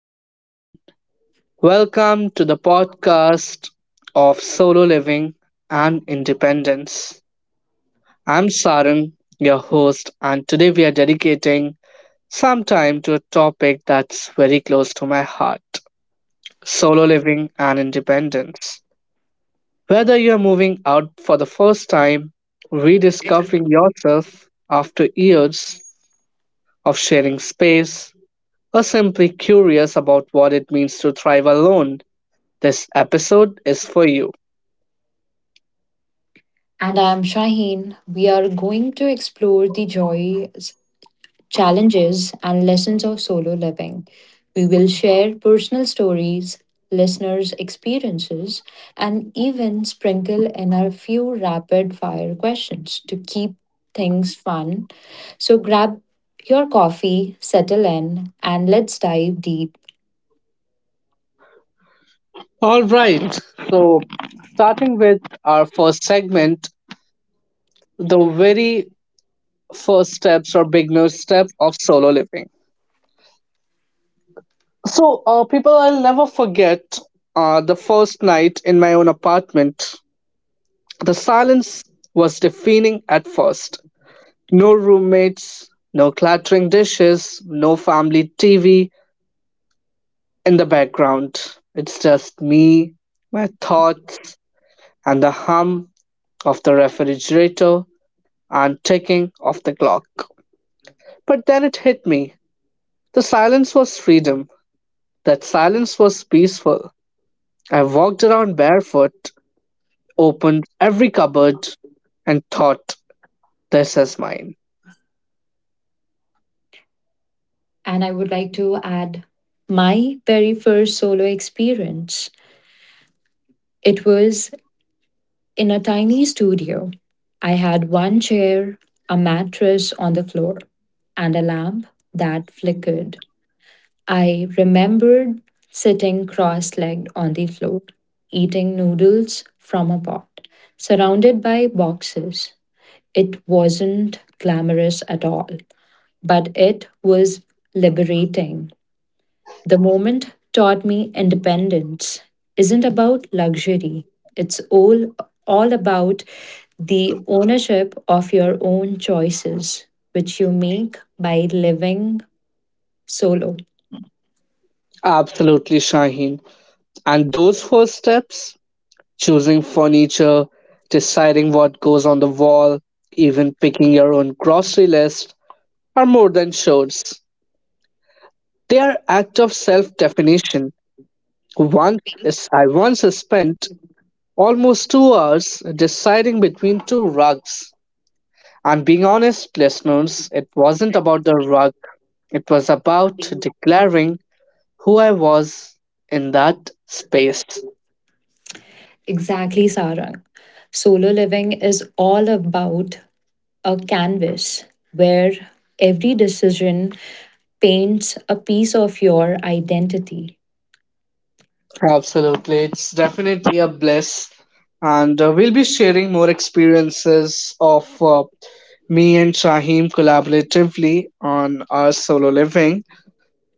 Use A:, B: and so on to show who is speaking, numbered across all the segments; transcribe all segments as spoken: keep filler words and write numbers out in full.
A: Everyone. Welcome to the podcast of Solo Living and Independence. I'm Saran, your host, and today we are dedicating some time to a topic that's very close to my heart solo living and independence. Whether you're moving out for the first time,
B: And
A: rediscovering yourself after years of sharing space, or simply curious about what it means to thrive alone, this episode is for you.
B: I'm Shaheen. We are going to explore the joys, challenges, and lessons of solo living. We will share personal stories, listeners' experiences, and even sprinkle in a few rapid fire questions to keep things fun. So grab your coffee, settle in, and let's dive deep.
A: All right. So, Starting with our first segment, the very first steps or beginner step of solo living. So, uh, people, I'll never forget uh, the first night in my own apartment. The silence was deafening at first. No roommates, no clattering dishes, no family T V in the background. It's just me, my thoughts, and the hum of the refrigerator and ticking of the clock. But then it hit me. The silence was freedom. That silence was peaceful. I walked around barefoot, opened every cupboard, and thought, this is mine.
B: And I would like to add my very first solo experience. It was in a tiny studio. I had one chair, a mattress on the floor, and a lamp that flickered. I remembered sitting cross legged on the floor, eating noodles from a pot, surrounded by boxes. It wasn't glamorous at all, but it was liberating. The moment taught me independence isn't about luxury. It's all all about the ownership of your own choices which you make by living solo.
A: Absolutely, Shaheen. And those first steps choosing furniture, deciding what goes on the wall, even picking your own grocery list are more than chores. They are acts of self definition. Once yes, I once spent almost two hours deciding between two rugs. And being honest, listeners, it wasn't about the rug, it was about declaring who I was in that space.
B: Exactly, Sarang. Solo living is all about a canvas where every decision paints a piece of your identity.
A: Absolutely, it's definitely a bliss. And uh, we'll be sharing more experiences of uh, me and Shaheem collaboratively on our solo living.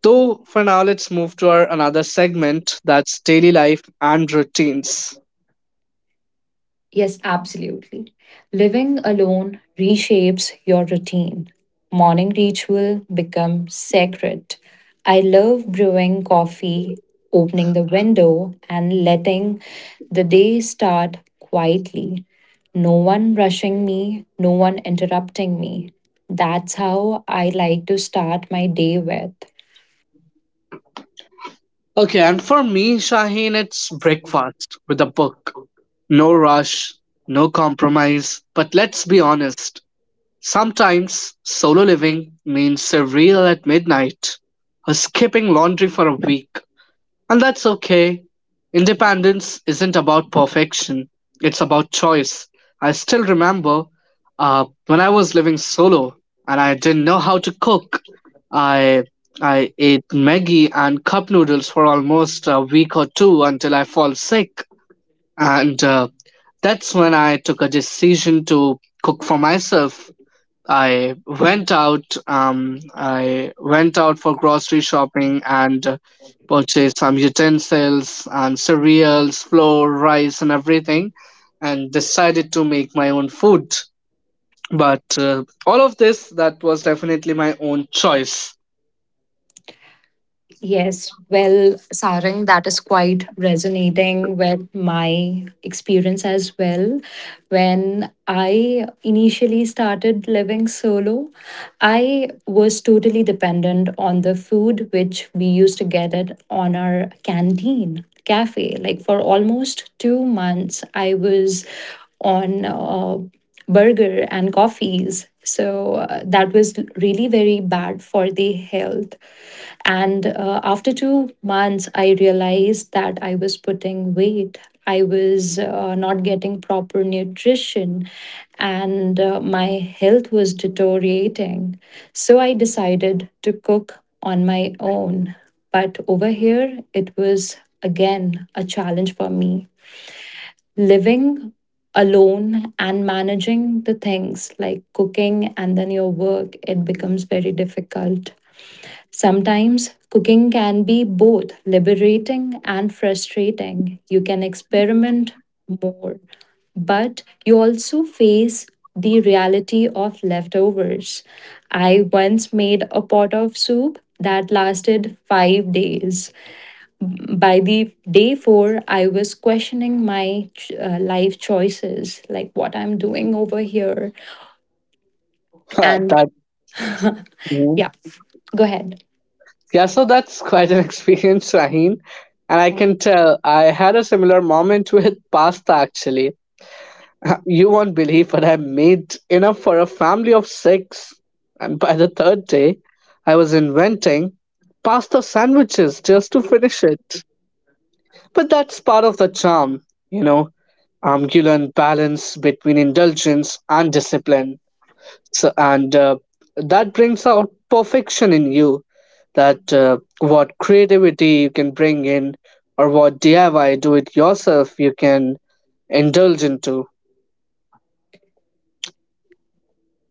A: So for now, let's move to our another segment that's daily life and routines.
B: Yes, absolutely. Living alone reshapes your routine. Morning ritual becomes sacred. I love brewing coffee, opening the window, and letting the day start quietly. No one rushing me, no one interrupting me. That's how I like to start my day with.
A: Okay, and for me, Shaheen, it's breakfast with a book. No rush, no compromise. But let's be honest. Sometimes solo living means a reel at midnight or skipping laundry for a week. And that's okay. Independence isn't about perfection, it's about choice. I still remember uh, when I was living solo and I didn't know how to cook. I I ate Maggie and cup noodles for almost a week or two until I fall sick. And uh, that's when I took a decision to cook for myself I went out. Um, I went out for grocery shopping and uh, purchased some utensils and cereals, flour, rice, and everything, and decided to make my own food. But uh, all of this, that was definitely my own choice.
B: Yes, well, Sarang, that is quite resonating with my experience as well. When I initially started living solo, I was totally dependent on the food which we used to get it on our canteen cafe. Like for almost two months, I was on uh, burger and coffees. So uh, that was really very bad for the health. And uh, after two months, I realized that I was putting weight. I was uh, not getting proper nutrition and uh, my health was deteriorating. So I decided to cook on my own. But over here, it was again a challenge for me. Living alone and managing the things like cooking and then your work, it becomes very difficult. Sometimes cooking can be both liberating and frustrating. You can experiment more, but you also face the reality of leftovers. I once made a pot of soup that lasted five days. By the day four, I was questioning my uh, life choices, like what I'm doing over here.
A: Uh,
B: And
A: that mm.
B: yeah, go ahead.
A: Yeah, so that's quite an experience, Raheen. And I can tell I had a similar moment with pasta actually. You won't believe but I made enough for a family of six. And by the third day, I was inventing pasta sandwiches just to finish it. But that's part of the charm, you know, ambulance balance between indulgence and discipline. So, and uh, That brings out perfection in you that uh, what creativity you can bring in or what D I Y do it yourself you can indulge into.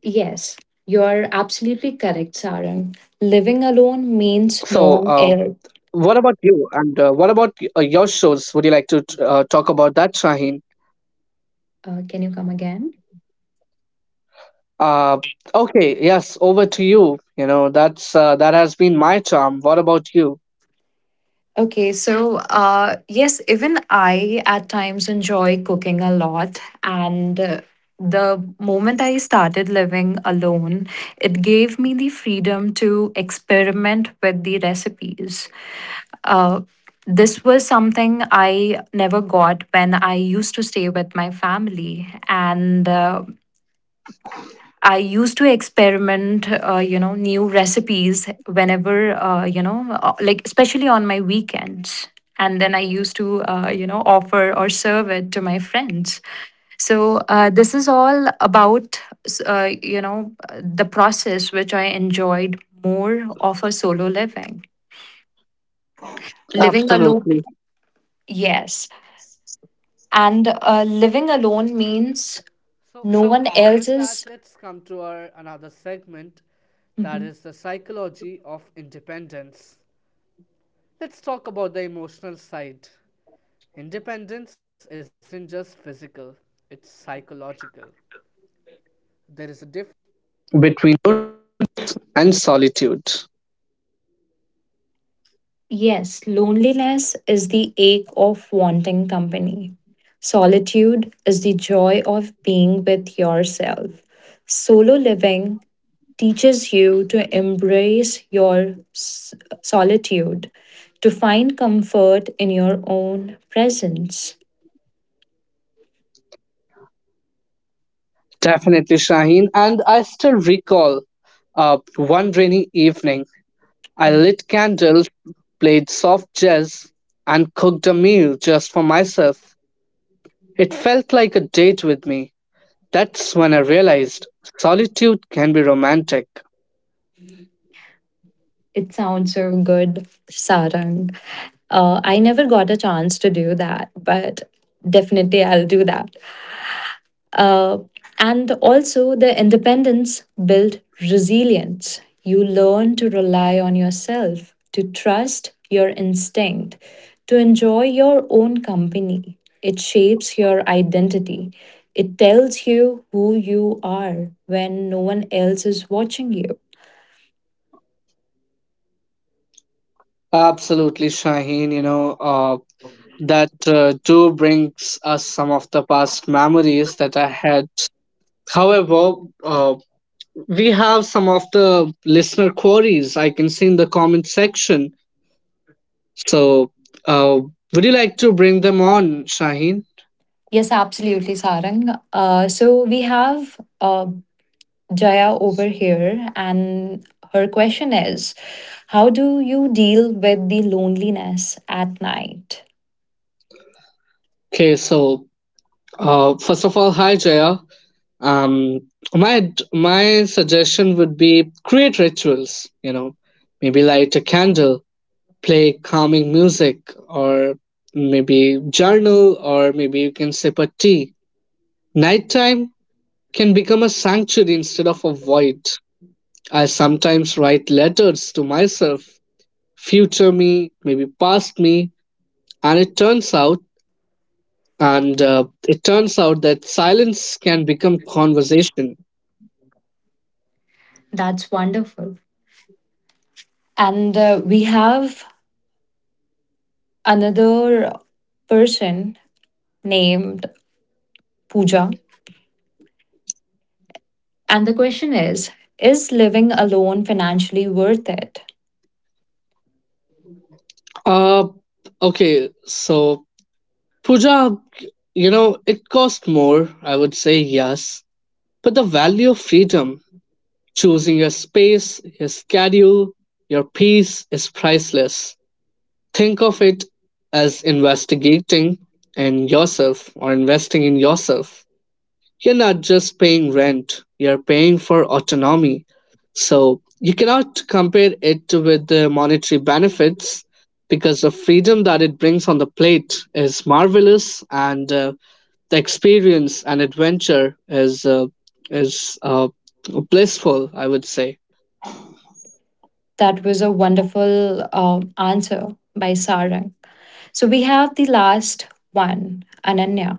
B: Yes, you are absolutely correct, Sarang.
A: So,
B: Living
A: uh,
B: alone means no
A: what about
B: one else.
A: you? And uh, what about y- uh, your shows? Would you like to t- uh, talk about that, Shaheen?
B: Uh, can you come again?
A: Uh, okay, yes, over to you. You know, that's uh, that has been my charm. What about you?
B: Okay, so uh, yes, even I at times enjoy cooking a lot. And uh, the moment I started living alone, it gave me the freedom to experiment with the recipes. Uh, this was something I never got when I used to stay with my family. And uh, I used to experiment, uh, you know, new recipes whenever, uh, you know, uh, like especially on my weekends. And then I used to, uh, you know, offer or serve it to my friends. So uh, this is all about, uh, you know, the process which I enjoyed more of a solo living. Living alone,
A: Absolutely.
B: yes. And uh, living alone means no one else is. Mhm. Yes, loneliness is the ache of wanting company. Solitude is the joy of being with yourself. Solo living teaches you to embrace your s- solitude, to find comfort in your own presence.
A: Definitely, Shaheen. And I still recall uh, one rainy evening, I lit candles, played soft jazz, and cooked a meal just for myself. It felt like a date with me. That's when I realized solitude can be romantic.
B: It sounds so good, Sarang. Uh, I never got a chance to do that, but definitely I'll do that. Uh, and also, the independence built resilience. You learn to rely on yourself, to trust your instinct, to enjoy your own company. It shapes your identity. It tells you who you are when no one else is watching you.
A: Absolutely, Shaheen. You know, uh, that uh, do brings us some of the past memories that I had. However, uh, we have some of the listener queries I can see in the comment section. So, uh, would you like to bring them on, Shaheen?
B: Yes, absolutely, Sarang. Uh, so we have uh, Jaya over here, and her question is, "How do you deal with the loneliness at night?"
A: Okay, so uh, first of all, hi Jaya. Um, my my suggestion would be create rituals. You know, maybe light a candle, play calming music, or maybe journal, or maybe you can sip a tea. Nighttime can become a sanctuary instead of a void. I sometimes write letters to myself, future me, maybe past me, and it turns out and uh, it turns out that silence can become conversation.
B: That's wonderful. And uh, we have another person named Pooja. And the question is, "Is living alone financially worth it?"
A: Uh okay, so puja, you know, it cost more, I would say yes, but the value of freedom, choosing your space, your schedule, your peace is priceless. Think of it as investigating in yourself or investing in yourself. You're not just paying rent, you're paying for autonomy. So you cannot compare it with the monetary benefits because the freedom that it brings on the plate is marvelous and uh, the experience and adventure is uh, is uh, blissful, I would say.
B: That was a wonderful um, answer by Sarang. So we have the last one, Ananya.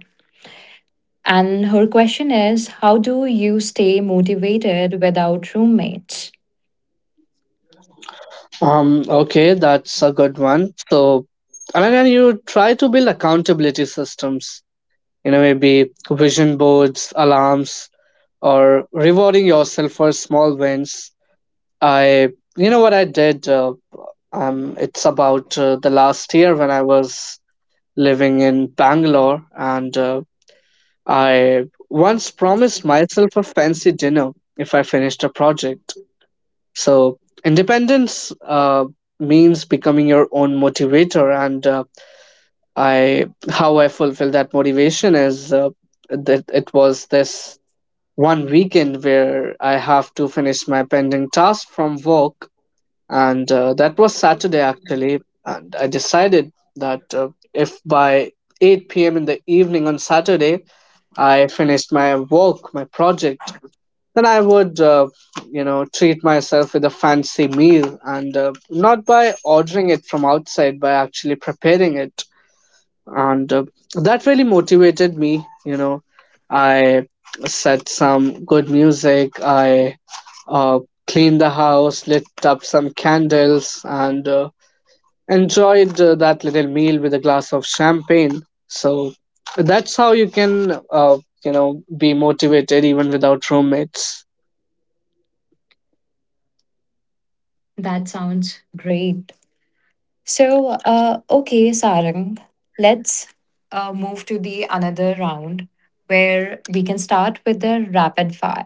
B: And her question is, "How do you stay motivated without roommates?"
A: Um, okay, that's a good one. So, and again, you try to build accountability systems, you know, maybe vision boards, alarms, or rewarding yourself for small wins. I, you know, what I did, uh, um, it's about uh, the last year when I was living in Bangalore, and uh, I once promised myself a fancy dinner if I finished a project. So independence uh, means becoming your own motivator, and uh, I how I fulfill that motivation is uh, that it was this one weekend where I have to finish my pending task from work, and uh, that was Saturday actually, and I decided that uh, if by eight p m in the evening on Saturday I finished my work, my project, then I would, uh, you know, treat myself with a fancy meal and uh, not by ordering it from outside, by actually preparing it. And uh, that really motivated me. You know, I set some good music, I uh, cleaned the house, lit up some candles, and uh, enjoyed uh, that little meal with a glass of champagne. So that's how you can, uh, you know, be motivated even without roommates.
B: That sounds great. So, uh, okay, Sarang, let's uh, move to the another round where we can start with the rapid fire.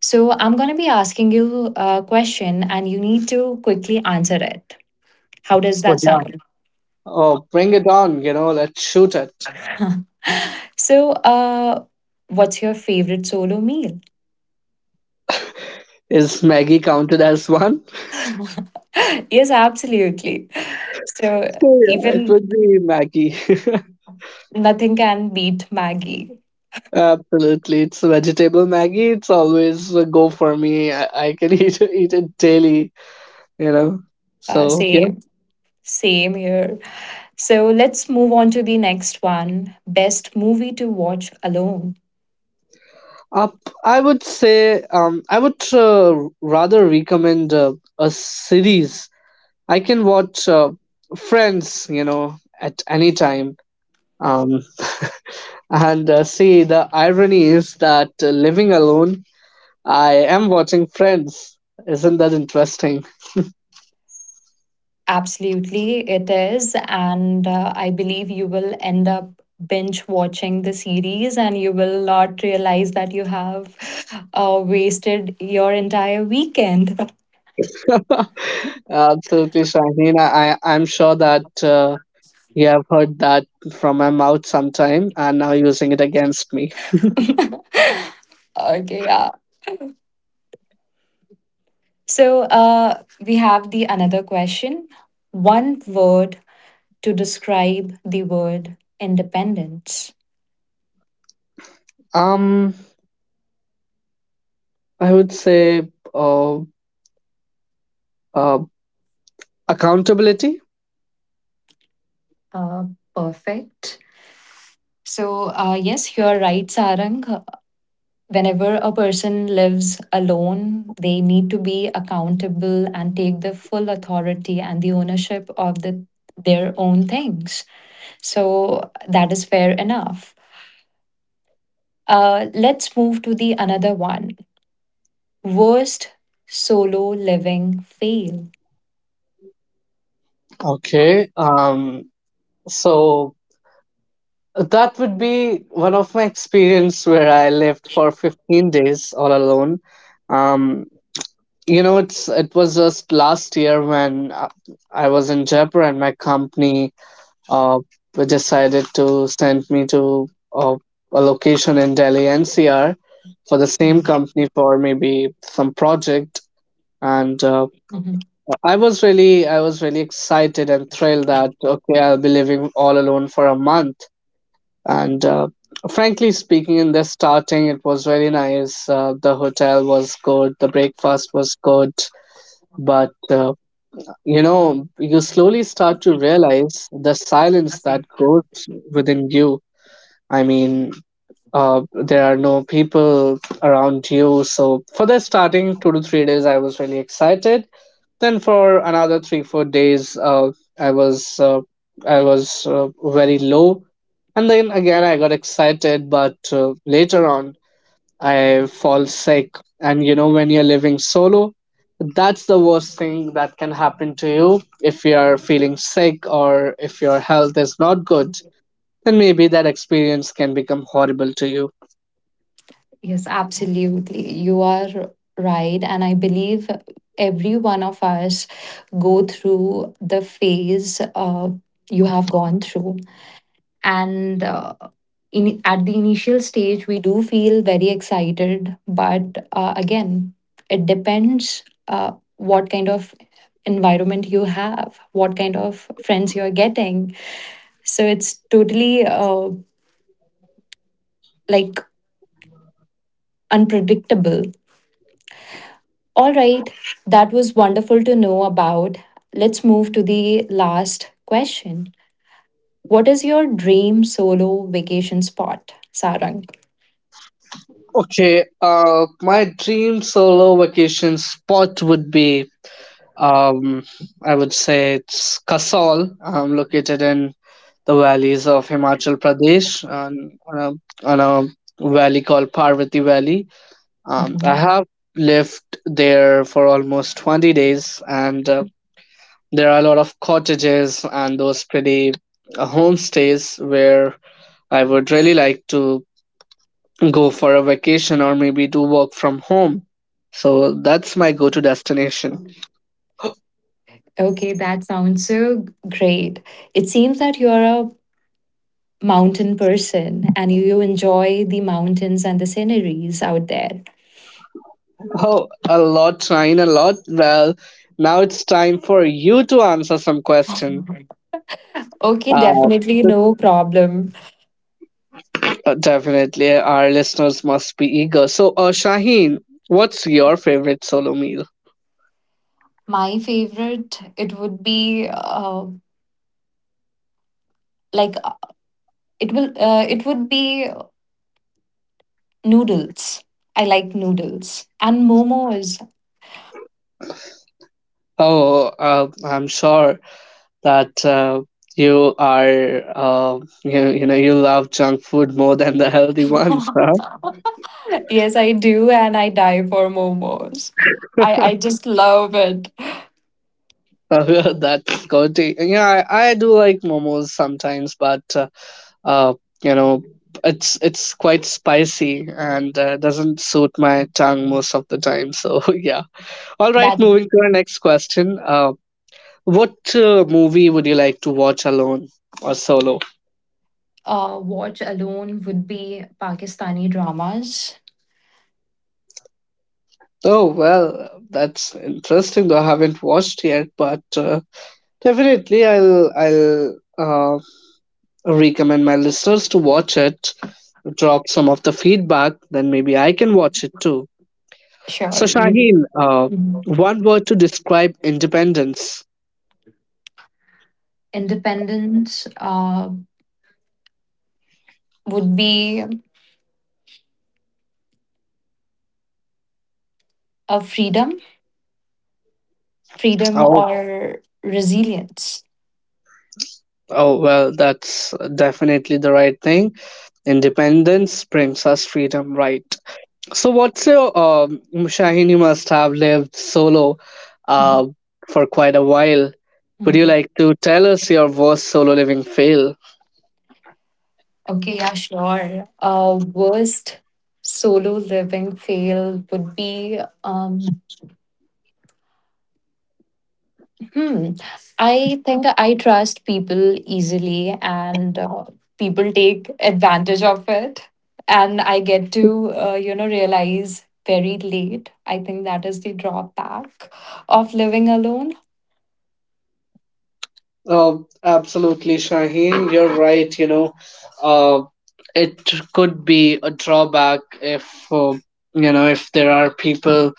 B: So, I'm going to be asking you a question and you need to quickly answer it. How does
A: But
B: that
A: yeah.
B: sound?
A: Oh, bring it on, you know, let's shoot it.
B: so, uh, what's your favorite solo meal?
A: Is Maggie counted as one?
B: Yes, absolutely. So
A: So, yeah, it
B: even
A: would be Maggie.
B: nothing can beat Maggie.
A: Absolutely. It's vegetable Maggie. It's always a go for me. I, I can eat, eat it daily, you know.
B: Uh,
A: So, yeah.
B: same, same here. So let's move on to the next one. Best movie to watch alone.
A: Up, I would say, um, I would uh, rather recommend uh, a series. I can watch uh, Friends, you know, at any time. Um, and uh, See, the irony is that uh, living alone I am watching Friends. Isn't that interesting?
B: Absolutely, it is. And uh, I believe you will end up binge watching the series and you will not realize that you have uh, wasted your entire weekend.
A: Absolutely, Shaheen. I, I- I'm sure that uh, you have heard that from my mouth sometime and now using it against me.
B: Okay, yeah. So uh, we have the another question. One word to describe the word independence.
A: Um, I would say uh, uh, accountability.
B: Uh, Perfect. So uh, yes, you're right, Sarang. Whenever a person lives alone, they need to be accountable and take the full authority and the ownership of the their own things. So that is fair enough. Uh, let's move to the another one. Worst solo living fail.
A: Okay. Um, so that would be one of my experience where I lived for fifteen days all alone. Um, you know, it's it was just last year when uh, I was in Jaipur and my company uh, decided to send me to uh, a location in Delhi N C R for the same company for maybe some project. And uh,
B: Mhm.
A: I was really I was really excited and thrilled that okay I'll be living all alone for a month and uh, frankly speaking in the starting it was very nice, uh, the hotel was good, the breakfast was good, but uh, you know you slowly start to realize the silence that grows within you. I mean uh, there are no people around you so for the starting two to three days I was really excited, then for another three four days, uh, I was uh, I was uh, very low, and then again I got excited. But uh, later on, I fall sick, and you know when you're living solo, that's the worst thing that can happen to you. If you're feeling sick or if your health is not good, then maybe that experience can become horrible to you.
B: Yes, absolutely. You are right. And I believe every one of us go through the phase uh, you have gone through. And uh, in, at the initial stage, we do feel very excited. But uh, again, it depends uh, what kind of environment you have, what kind of friends you are getting. So it's totally uh, like unpredictable. All right, that was wonderful to know about. Let's move to the last question. What is your dream solo vacation spot, Sarang?
A: Okay, uh, my dream solo vacation spot would be Um, I would say it's Kasol, um, located in the valleys of Himachal Pradesh and on a, on a valley called Parvati Valley. Um, I
B: Mhm.
A: have lived there for almost twenty days, and uh, there are a lot of cottages and those pretty uh, homestays where I would really like to go for a vacation or maybe to work from home. So that's my go to destination.
B: Okay, that sounds so great. It seems that you're a mountain person and you enjoy the mountains and the sceneries out there.
A: Oh, a lot, Shine, a lot. Well, now it's time for you to answer some question.
B: Okay,
A: Uh,
B: definitely no problem.
A: uh, definitely, our listeners must be eager. So, uh, Shaheen, what's your favorite solo meal?
B: My favorite, it would be uh, like uh, it will uh, it would be noodles. I like noodles and momos.
A: Oh, uh, I'm sure that uh, you are, uh, you, you know, you love junk food more than the healthy ones, huh?
B: Yes, I do, and I die for momos. I I just love it.
A: That's good. to- Yeah, I, I do like momos sometimes, but uh, uh, you know it's it's quite spicy and uh, doesn't suit my tongue most of the time so yeah. All right,
B: That
A: moving to our next question, uh, what uh, movie would you like to watch alone or solo?
B: uh, Watch alone would be Pakistani dramas.
A: Oh well, that's interesting though I haven't watched yet, but uh, definitely i'll i'll uh, recommend my listeners to watch it, drop some of the feedback, then maybe I can watch it too.
B: Sure,
A: So
B: you.
A: Shaheen, uh,
B: Mhm.
A: one word to describe independence.
B: Independence uh, would be a freedom, freedom
A: Oh,
B: or resilience.
A: oh well, that's definitely the right thing. Independence brings us freedom, right? So what's your um, Shaheen? You must have lived solo,
B: Mhm.
A: uh, for quite a while. Would you
B: Mhm.
A: like to tell us your worst solo living fail?
B: Okay, yeah, sure. Uh, worst solo living fail would be um, hmm, I think I trust people easily and uh, people take advantage of it. And I get to, uh, you know, realize very late. I think that is the drawback of living alone.
A: Oh, absolutely, Shaheen. You're right. You know, uh, it could be a drawback if uh, you know if there are people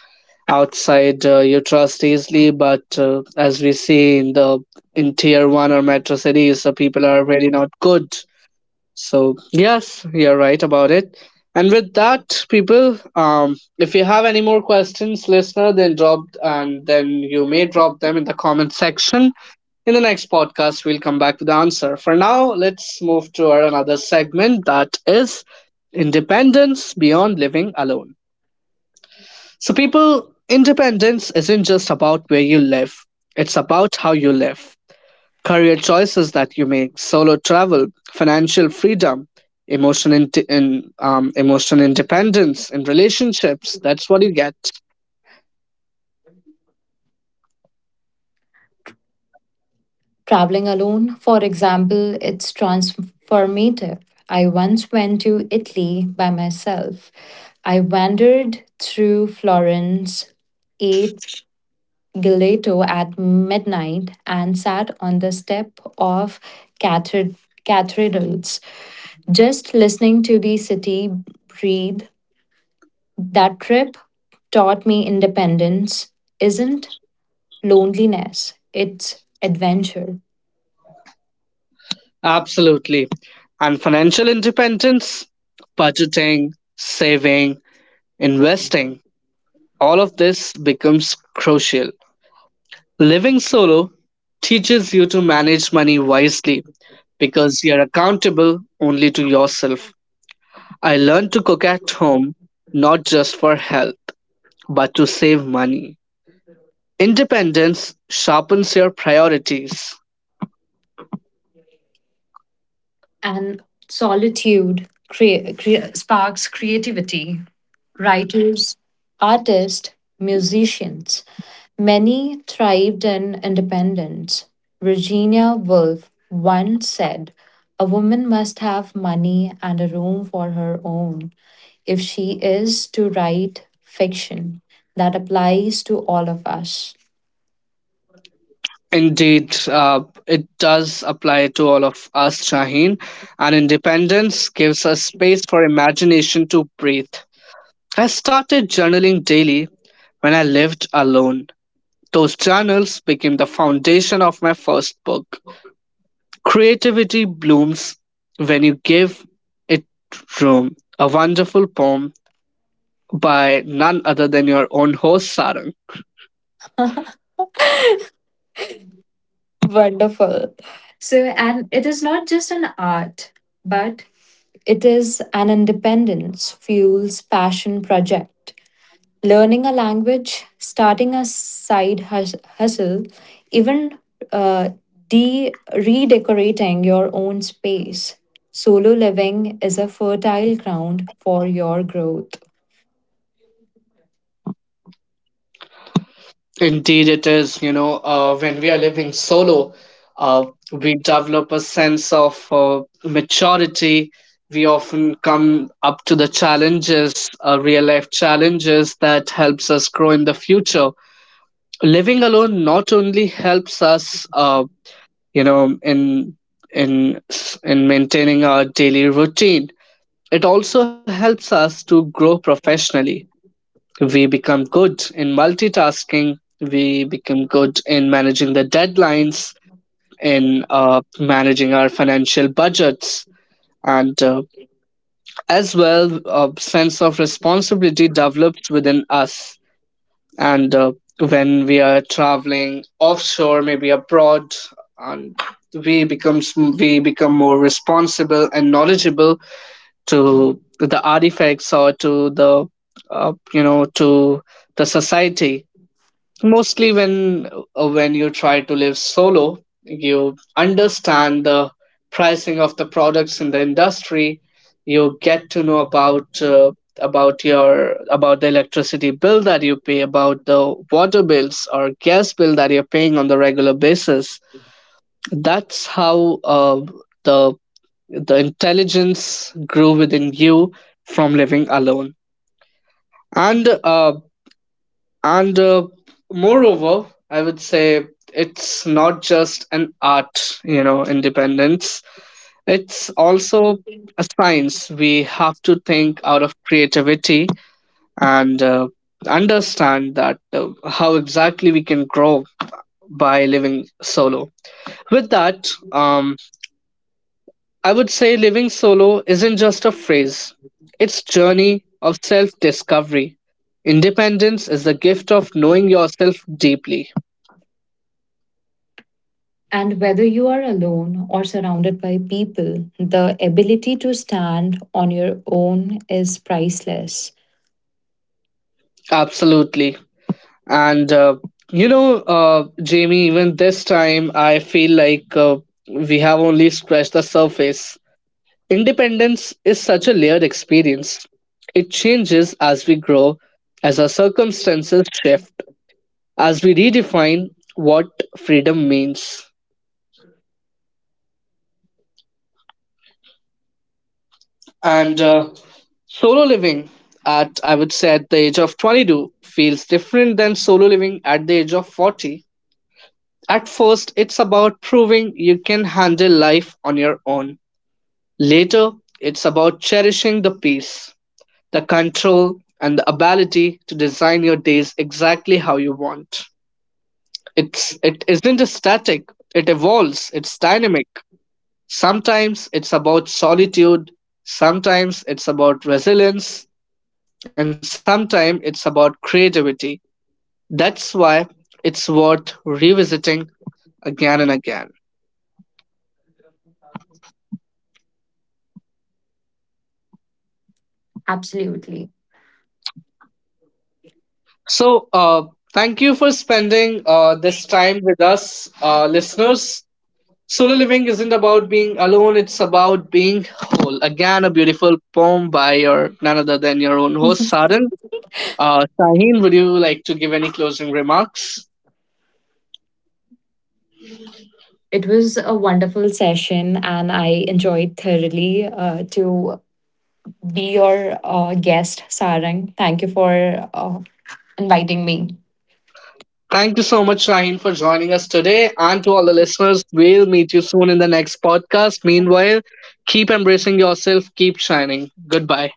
A: outside uh, you trust easily but uh, as we see in the in tier one or metro cities, the people are really not good, so yes, you're right about it. And with that, people, um if you have any more questions, listener, then drop, and then you may drop them in the comment section. In the next podcast we'll come back with the answer. For now, let's move to our another segment, that is independence beyond living alone. So, people, independence isn't just about where you live, it's about how you live. Career choices that you make, solo travel, financial freedom, emotion, in, in, um, emotion independence in relationships. That's what you get.
B: Traveling alone, for example, it's transformative. I once went to Italy by myself. I wandered through Florence, ate gelato at midnight, and sat on the step of cathed- cathedrals. Just listening to the city breathe, that trip taught me independence isn't loneliness, it's adventure.
A: Absolutely. And financial independence, budgeting, saving, investing, all of this becomes crucial. Living solo teaches you to manage money wisely because you're accountable only to yourself. I learned to cook at home not just for health, but to save money. Independence sharpens your priorities.
B: And solitude crea- crea- sparks creativity. Writers, artists, musicians, many thrived in independence. Virginia Woolf once said, "A woman must have money and a room for her own if she is to write fiction." That applies to all of us.
A: Indeed, uh, it does apply to all of us, Shaheen. And independence gives us space for imagination to breathe. I started journaling daily when I lived alone. Those journals became the foundation of my first book. Creativity blooms when you give it room. A wonderful poem by none other than your own host, Sarang.
B: Wonderful. So, and it is not just an art, but it is an independence fuels passion project. Learning a language, starting a side hus- hustle, even uh, de- redecorating your own space. Solo living is a fertile ground for your growth.
A: Indeed, it is. You know, uh, when we are living solo, uh, we develop a sense of uh, maturity. We often come up to the challenges, uh, real life challenges that helps us grow in the future. Living alone not only helps us uh, you know in in s- in maintaining our daily routine, it also helps us to grow professionally. We become good in multitasking, we become good in managing the deadlines, in uh, managing our financial budgets, and uh, as well a sense of responsibility develops within us. And uh, when we are traveling offshore, maybe abroad, and we becomes we become more responsible and knowledgeable to the artifacts or to the uh, you know to the society. Mostly when uh, when you try to live solo, you understand the pricing of the products in the industry. You get to know about uh, about your about the electricity bill that you pay, about the water bills or gas bill that you're paying on the regular basis. That's how uh, the the intelligence grew within you from living alone. And uh, and uh, moreover, I would say it's not just an art, you know, independence. It's also a science. We have to think out of creativity and uh, understand that uh, how exactly we can grow by living solo. With that, um, I would say living solo isn't just a phrase. It's journey of self-discovery. Independence is the gift of knowing yourself deeply.
B: And whether you are alone or surrounded by people, the ability to stand on your own is priceless.
A: Absolutely. And, uh, you know, uh, Jamie, even this time, I feel like uh, we have only scratched the surface. Independence is such a layered experience. It changes as we grow, as our circumstances shift, as we redefine what freedom means. And uh, solo living at, I would say, at the age of twenty-two feels different than solo living at the age of forty. At first, it's about proving you can handle life on your own. Later, it's about cherishing the peace, the control, and the ability to design your days exactly how you want. It's it isn't static. It evolves. It's dynamic. Sometimes it's about solitude. Sometimes it's about resilience, and sometimes it's about creativity. That's why it's worth revisiting again and again.
B: Absolutely.
A: So, uh, thank you for spending uh, this time with us, uh, listeners. Solo living isn't about being alone, it's about being whole. Again, a beautiful poem by your none other than your own host, Saran. Uh, Shaheen, would you like to give any closing remarks?
B: It was a wonderful session and I enjoyed thoroughly uh, to be your uh, guest, Sarang. Thank you for uh, inviting me.
A: Thank you so much, Shaheen, for joining us today. And to all the listeners, we'll meet you soon in the next podcast. Meanwhile, keep embracing yourself, keep shining. Goodbye.